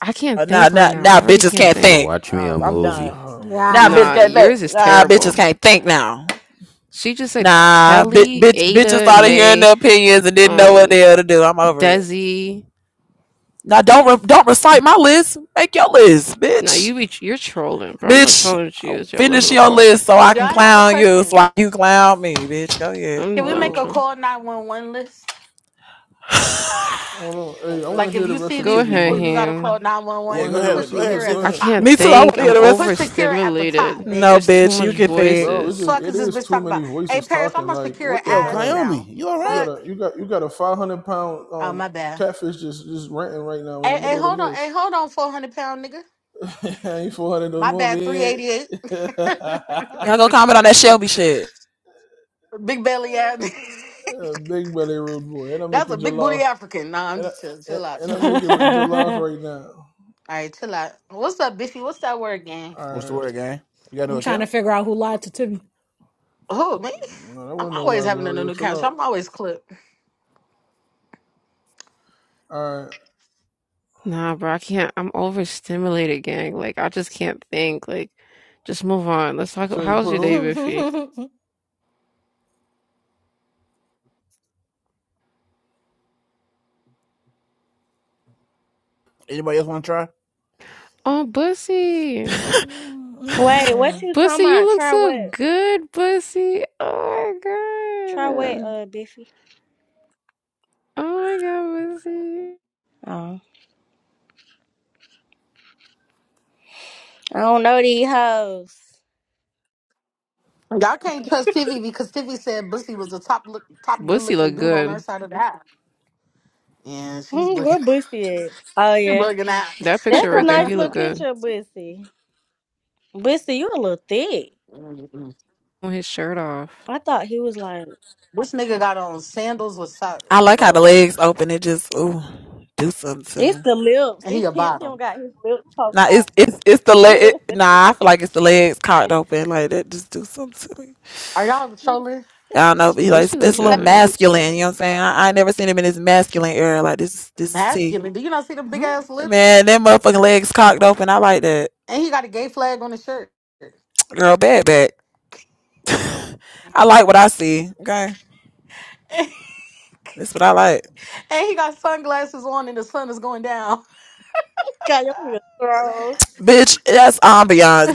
[SPEAKER 6] I can't
[SPEAKER 4] now,
[SPEAKER 6] think right
[SPEAKER 4] now,
[SPEAKER 6] now. I
[SPEAKER 4] now,
[SPEAKER 6] really
[SPEAKER 4] bitches
[SPEAKER 5] I'm
[SPEAKER 6] can't
[SPEAKER 4] can't
[SPEAKER 6] think.
[SPEAKER 5] finna
[SPEAKER 4] think.
[SPEAKER 5] watch me a
[SPEAKER 4] um, I'm
[SPEAKER 5] movie.
[SPEAKER 4] done.
[SPEAKER 8] Oh my
[SPEAKER 4] Now,
[SPEAKER 9] Yeah.
[SPEAKER 4] bitches
[SPEAKER 6] Nah,
[SPEAKER 8] god.
[SPEAKER 4] can't think.
[SPEAKER 6] yours is
[SPEAKER 4] Nah, bitches
[SPEAKER 6] terrible.
[SPEAKER 4] can't think now.
[SPEAKER 6] She just said
[SPEAKER 4] Nah, bi-
[SPEAKER 6] Kelly,
[SPEAKER 4] bitch,
[SPEAKER 6] Ada,
[SPEAKER 4] bitches
[SPEAKER 6] and
[SPEAKER 4] started hearing
[SPEAKER 6] May,
[SPEAKER 4] the opinions and didn't know what
[SPEAKER 6] um,
[SPEAKER 4] the hell to do. I'm over it.
[SPEAKER 6] Desi.
[SPEAKER 4] Now, don't re- don't recite my list. Make your list,
[SPEAKER 6] Now
[SPEAKER 4] bitch.
[SPEAKER 6] you be you're trolling, bro. I'm not
[SPEAKER 4] Bitch,
[SPEAKER 6] trolling with you. It's your eleven
[SPEAKER 4] finish your
[SPEAKER 6] o'clock.
[SPEAKER 4] list so I
[SPEAKER 11] Yeah,
[SPEAKER 4] can
[SPEAKER 11] I have a
[SPEAKER 4] clown you, so
[SPEAKER 11] question.
[SPEAKER 4] I, you clown me, bitch. Go ahead.
[SPEAKER 6] I'm
[SPEAKER 11] Can we
[SPEAKER 8] Hold
[SPEAKER 6] done
[SPEAKER 11] make
[SPEAKER 8] on,
[SPEAKER 11] a
[SPEAKER 6] trolling.
[SPEAKER 11] call 911 list?
[SPEAKER 8] hold on. Hey, I want
[SPEAKER 11] Like,
[SPEAKER 8] to hear
[SPEAKER 11] if
[SPEAKER 8] the
[SPEAKER 11] you
[SPEAKER 8] rest
[SPEAKER 11] see
[SPEAKER 8] of
[SPEAKER 6] Go
[SPEAKER 11] these
[SPEAKER 8] Tibby's
[SPEAKER 6] ahead,
[SPEAKER 11] people, you
[SPEAKER 8] list.
[SPEAKER 11] gotta call
[SPEAKER 6] him.
[SPEAKER 8] I
[SPEAKER 1] Yeah,
[SPEAKER 8] want
[SPEAKER 11] 911.
[SPEAKER 8] to
[SPEAKER 1] go
[SPEAKER 8] hear the
[SPEAKER 11] Put
[SPEAKER 1] ahead.
[SPEAKER 8] rest of
[SPEAKER 1] Go
[SPEAKER 8] your
[SPEAKER 1] ahead,
[SPEAKER 11] secure
[SPEAKER 8] list. Go
[SPEAKER 11] at the
[SPEAKER 1] Tiffy.
[SPEAKER 6] I
[SPEAKER 8] ahead,
[SPEAKER 11] top.
[SPEAKER 6] can't
[SPEAKER 4] me too. I
[SPEAKER 6] think.
[SPEAKER 4] want to hear
[SPEAKER 6] I'm
[SPEAKER 4] the
[SPEAKER 11] Put
[SPEAKER 4] rest.
[SPEAKER 11] secure at the
[SPEAKER 6] overstimulated.
[SPEAKER 11] top,
[SPEAKER 4] No,
[SPEAKER 6] It's
[SPEAKER 11] bitch.
[SPEAKER 6] too
[SPEAKER 4] bitch, you
[SPEAKER 6] much
[SPEAKER 4] can think.
[SPEAKER 8] bro. It's
[SPEAKER 6] voices.
[SPEAKER 8] just
[SPEAKER 11] Fuck
[SPEAKER 8] it
[SPEAKER 11] is this
[SPEAKER 8] is
[SPEAKER 11] bitch
[SPEAKER 8] too
[SPEAKER 11] talking
[SPEAKER 8] many
[SPEAKER 11] about? Hey,
[SPEAKER 8] voices
[SPEAKER 11] Paris, I'm
[SPEAKER 8] talking.
[SPEAKER 11] on
[SPEAKER 8] Like
[SPEAKER 11] secure your
[SPEAKER 8] what the
[SPEAKER 1] Yo,
[SPEAKER 11] ass
[SPEAKER 8] hell?
[SPEAKER 1] Kayomi,
[SPEAKER 11] now.
[SPEAKER 1] you all
[SPEAKER 8] You
[SPEAKER 1] right?
[SPEAKER 8] got
[SPEAKER 11] Fuck.
[SPEAKER 8] a you got you got a five hundred pound
[SPEAKER 11] Oh,
[SPEAKER 8] um
[SPEAKER 11] my bad.
[SPEAKER 8] catfish just just ranting right now in the
[SPEAKER 11] Hey, hey,
[SPEAKER 8] middle of
[SPEAKER 11] hold
[SPEAKER 8] the
[SPEAKER 11] on.
[SPEAKER 8] list.
[SPEAKER 11] Hey, hold on, 400 pound nigga.
[SPEAKER 8] ain't 400 no
[SPEAKER 11] My
[SPEAKER 8] more,
[SPEAKER 11] bad,
[SPEAKER 8] man.
[SPEAKER 11] 388.
[SPEAKER 4] Y'all go comment on that Shelby shit.
[SPEAKER 11] big belly ass.
[SPEAKER 8] Uh, Big belly rude boy. And I'm
[SPEAKER 11] That's a
[SPEAKER 8] making
[SPEAKER 11] big booty
[SPEAKER 8] jollof.
[SPEAKER 11] African. Nah, I'm
[SPEAKER 8] And, I,
[SPEAKER 11] just chill.
[SPEAKER 8] and,
[SPEAKER 11] Chill out,
[SPEAKER 8] and
[SPEAKER 11] chill
[SPEAKER 8] I'm
[SPEAKER 11] out,
[SPEAKER 8] making
[SPEAKER 11] chill out.
[SPEAKER 8] jollof right now.
[SPEAKER 11] All right, chill out. What's up, Biffy? What's that word again?
[SPEAKER 8] All
[SPEAKER 1] What's the
[SPEAKER 8] right.
[SPEAKER 1] word, gang? You got a new
[SPEAKER 9] I'm trying to
[SPEAKER 1] account?
[SPEAKER 9] figure out who lied to Timmy.
[SPEAKER 11] Oh man.
[SPEAKER 8] No, that
[SPEAKER 11] I'm
[SPEAKER 8] wasn't no
[SPEAKER 11] always
[SPEAKER 8] lie,
[SPEAKER 11] having a
[SPEAKER 8] Gloria.
[SPEAKER 11] new
[SPEAKER 8] Chill
[SPEAKER 11] couch.
[SPEAKER 8] out.
[SPEAKER 11] I'm always clipped.
[SPEAKER 8] All right.
[SPEAKER 6] Nah, bro. I can't. I'm overstimulated, gang. Like I just can't think. Like, just move on. Let's talk.
[SPEAKER 8] So you
[SPEAKER 6] How's
[SPEAKER 8] put
[SPEAKER 6] your day,
[SPEAKER 8] who?
[SPEAKER 6] Biffy?
[SPEAKER 1] Anybody else want to try?
[SPEAKER 6] Oh, Bussy.
[SPEAKER 12] Wait, what you
[SPEAKER 6] Bussy,
[SPEAKER 12] talking
[SPEAKER 6] you
[SPEAKER 12] about?
[SPEAKER 6] look
[SPEAKER 12] Try
[SPEAKER 6] so
[SPEAKER 12] what?
[SPEAKER 6] good, Bussy. Oh
[SPEAKER 12] Try
[SPEAKER 6] my
[SPEAKER 12] what,
[SPEAKER 6] god.
[SPEAKER 12] uh, Biffy?
[SPEAKER 6] Oh my God, Bussy.
[SPEAKER 12] Oh, I don't know these hoes.
[SPEAKER 11] Y'all can't trust Tivy because Tivy said Bussy was a top look, top good
[SPEAKER 6] Bussy
[SPEAKER 11] looking
[SPEAKER 6] look
[SPEAKER 11] dude on her
[SPEAKER 6] good.
[SPEAKER 11] side of the aisle. Yeah, she's
[SPEAKER 12] Hmm, Where
[SPEAKER 11] bugging.
[SPEAKER 12] Bussy is? Oh
[SPEAKER 11] You're
[SPEAKER 12] yeah,
[SPEAKER 11] bugging
[SPEAKER 6] That picture
[SPEAKER 12] that's a
[SPEAKER 6] right there,
[SPEAKER 12] nice
[SPEAKER 11] out.
[SPEAKER 6] he look
[SPEAKER 12] little
[SPEAKER 6] good.
[SPEAKER 12] picture of Bussy. Bussy, you a little thick.
[SPEAKER 11] Mm-mm.
[SPEAKER 6] On his shirt off.
[SPEAKER 12] I thought he was like,
[SPEAKER 11] this nigga got on sandals with socks,
[SPEAKER 4] I like how the
[SPEAKER 11] bro,
[SPEAKER 4] legs open. It just ooh, do something to
[SPEAKER 12] it's
[SPEAKER 4] me.
[SPEAKER 12] the lips.
[SPEAKER 11] and he
[SPEAKER 12] This
[SPEAKER 11] a
[SPEAKER 12] his him
[SPEAKER 11] bottom.
[SPEAKER 12] got his lips poked
[SPEAKER 4] Nah, it's it's it's the leg.
[SPEAKER 12] out.
[SPEAKER 4] It, nah, I feel like it's the legs cocked open like that. Just do something to me.
[SPEAKER 11] Are y'all trolling?
[SPEAKER 4] I don't know, but he like it's,
[SPEAKER 6] Bussy
[SPEAKER 4] it's
[SPEAKER 6] look
[SPEAKER 4] a little
[SPEAKER 6] good.
[SPEAKER 4] masculine. You know what I'm saying? I, I ain't never seen him in his masculine era. Like this is this is T.
[SPEAKER 11] Masculine. Do you not see the big ass lips?
[SPEAKER 4] Man, that motherfucking legs cocked open. I like that
[SPEAKER 11] And he got a gay flag on his shirt.
[SPEAKER 4] girl. Bad back. I like what I see. Okay,
[SPEAKER 11] and
[SPEAKER 4] that's what I like.
[SPEAKER 11] he got sunglasses on, and the sun is going down.
[SPEAKER 12] got your real throw.
[SPEAKER 4] Bitch, that's ambiance,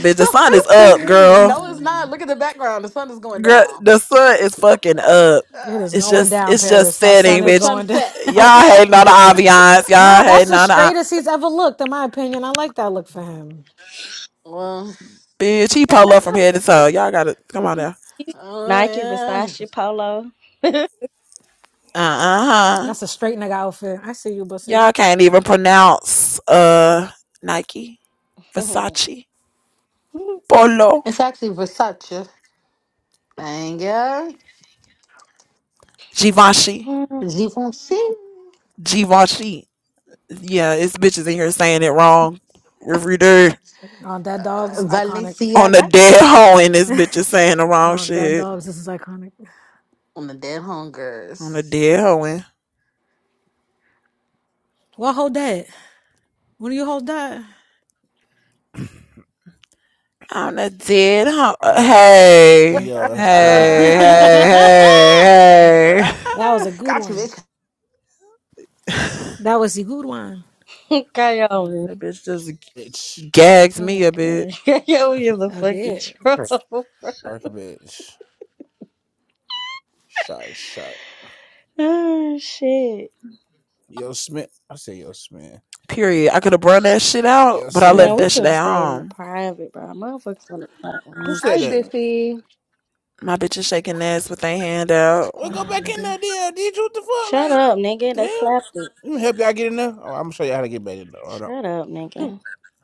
[SPEAKER 4] bitch. The sun is
[SPEAKER 12] Got
[SPEAKER 4] up,
[SPEAKER 12] your real
[SPEAKER 4] girl.
[SPEAKER 11] no, it's
[SPEAKER 12] throw.
[SPEAKER 11] not. Look at the background. The sun is going
[SPEAKER 4] Girl,
[SPEAKER 11] down.
[SPEAKER 4] the sun is fucking up.
[SPEAKER 9] it
[SPEAKER 11] Uh,
[SPEAKER 9] is
[SPEAKER 4] It's
[SPEAKER 9] going
[SPEAKER 4] just,
[SPEAKER 9] down,
[SPEAKER 4] it's just
[SPEAKER 9] Paris. That sun
[SPEAKER 11] it's
[SPEAKER 4] setting,
[SPEAKER 11] the
[SPEAKER 9] is
[SPEAKER 4] bitch.
[SPEAKER 9] going down.
[SPEAKER 11] sunset.
[SPEAKER 4] Y'all
[SPEAKER 11] Okay.
[SPEAKER 4] hating on the ambiance.
[SPEAKER 9] nah,
[SPEAKER 4] Y'all
[SPEAKER 9] that's
[SPEAKER 4] hating
[SPEAKER 9] the
[SPEAKER 4] on the,
[SPEAKER 9] straightest he's ever looked, in my opinion. I like that look for him.
[SPEAKER 11] Well,
[SPEAKER 4] bitch. He pull up from head to toe. Y'all gotta come on now.
[SPEAKER 11] oh
[SPEAKER 12] Nike,
[SPEAKER 11] yeah.
[SPEAKER 12] Versace, Polo.
[SPEAKER 4] Uh uh huh.
[SPEAKER 9] That's a straight nigga outfit. I see you, Bussy.
[SPEAKER 4] Y'all can't even pronounce uh Nike, Versace, Polo,
[SPEAKER 11] It's actually Versace. Thank you.
[SPEAKER 4] Givenchy,
[SPEAKER 11] Givenchy.
[SPEAKER 4] Givenchy. Yeah, it's bitches in here saying it wrong every day
[SPEAKER 9] Uh, that
[SPEAKER 11] Uh,
[SPEAKER 9] dog's iconic.
[SPEAKER 4] on the
[SPEAKER 11] Balenciaga.
[SPEAKER 4] dead hoe, and this bitch is saying the wrong
[SPEAKER 9] Oh, that
[SPEAKER 4] shit.
[SPEAKER 9] dog's this is iconic.
[SPEAKER 11] On the dead
[SPEAKER 4] On a
[SPEAKER 11] hungers.
[SPEAKER 4] dead hoeing.
[SPEAKER 9] Well, hold that. When do you hold that?
[SPEAKER 4] On a dead hoe. Uh,
[SPEAKER 1] Oh,
[SPEAKER 4] Hey.
[SPEAKER 1] yo, that's
[SPEAKER 4] Hey,
[SPEAKER 1] crazy.
[SPEAKER 11] Uh,
[SPEAKER 9] that
[SPEAKER 4] hey, hey, hey.
[SPEAKER 9] was a good
[SPEAKER 11] got you,
[SPEAKER 9] one.
[SPEAKER 11] bitch.
[SPEAKER 9] That was a good one.
[SPEAKER 12] God, you real-
[SPEAKER 4] that bitch just
[SPEAKER 1] Bitch.
[SPEAKER 4] gags me a bit.
[SPEAKER 12] Okay, got your real the
[SPEAKER 9] I
[SPEAKER 12] fucking
[SPEAKER 9] did.
[SPEAKER 12] troll.
[SPEAKER 1] Shark bitch. Shark, shark.
[SPEAKER 12] Oh shit.
[SPEAKER 1] Yo, Smith. I say yo, Smith.
[SPEAKER 4] Period. I could have brung that shit out,
[SPEAKER 1] Yo,
[SPEAKER 4] but I
[SPEAKER 12] Man,
[SPEAKER 4] left
[SPEAKER 1] Sam.
[SPEAKER 12] we
[SPEAKER 4] that shit
[SPEAKER 12] could have
[SPEAKER 4] at
[SPEAKER 12] stayed in the
[SPEAKER 4] home.
[SPEAKER 12] private, bro. Motherfuckers on the front
[SPEAKER 1] Who
[SPEAKER 12] lines and
[SPEAKER 1] said
[SPEAKER 13] Hi,
[SPEAKER 1] that?
[SPEAKER 12] shit.
[SPEAKER 13] Biffy.
[SPEAKER 4] My bitches shaking ass with their hand out.
[SPEAKER 1] Well,
[SPEAKER 9] Hold
[SPEAKER 1] go
[SPEAKER 9] on,
[SPEAKER 1] back in
[SPEAKER 9] nigga.
[SPEAKER 1] there, DLD. what the fuck?
[SPEAKER 12] Shut
[SPEAKER 1] Like,
[SPEAKER 12] up,
[SPEAKER 1] what
[SPEAKER 12] nigga.
[SPEAKER 1] the
[SPEAKER 12] They
[SPEAKER 1] hell?
[SPEAKER 12] clapped it.
[SPEAKER 1] Let me help y'all get in there. Oh, I'm gonna show y'all how to get back in there. Hold on.
[SPEAKER 12] Shut up, nigga.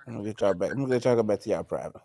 [SPEAKER 1] I'm gonna get y'all back. I'm gonna get y'all go back to y'all private.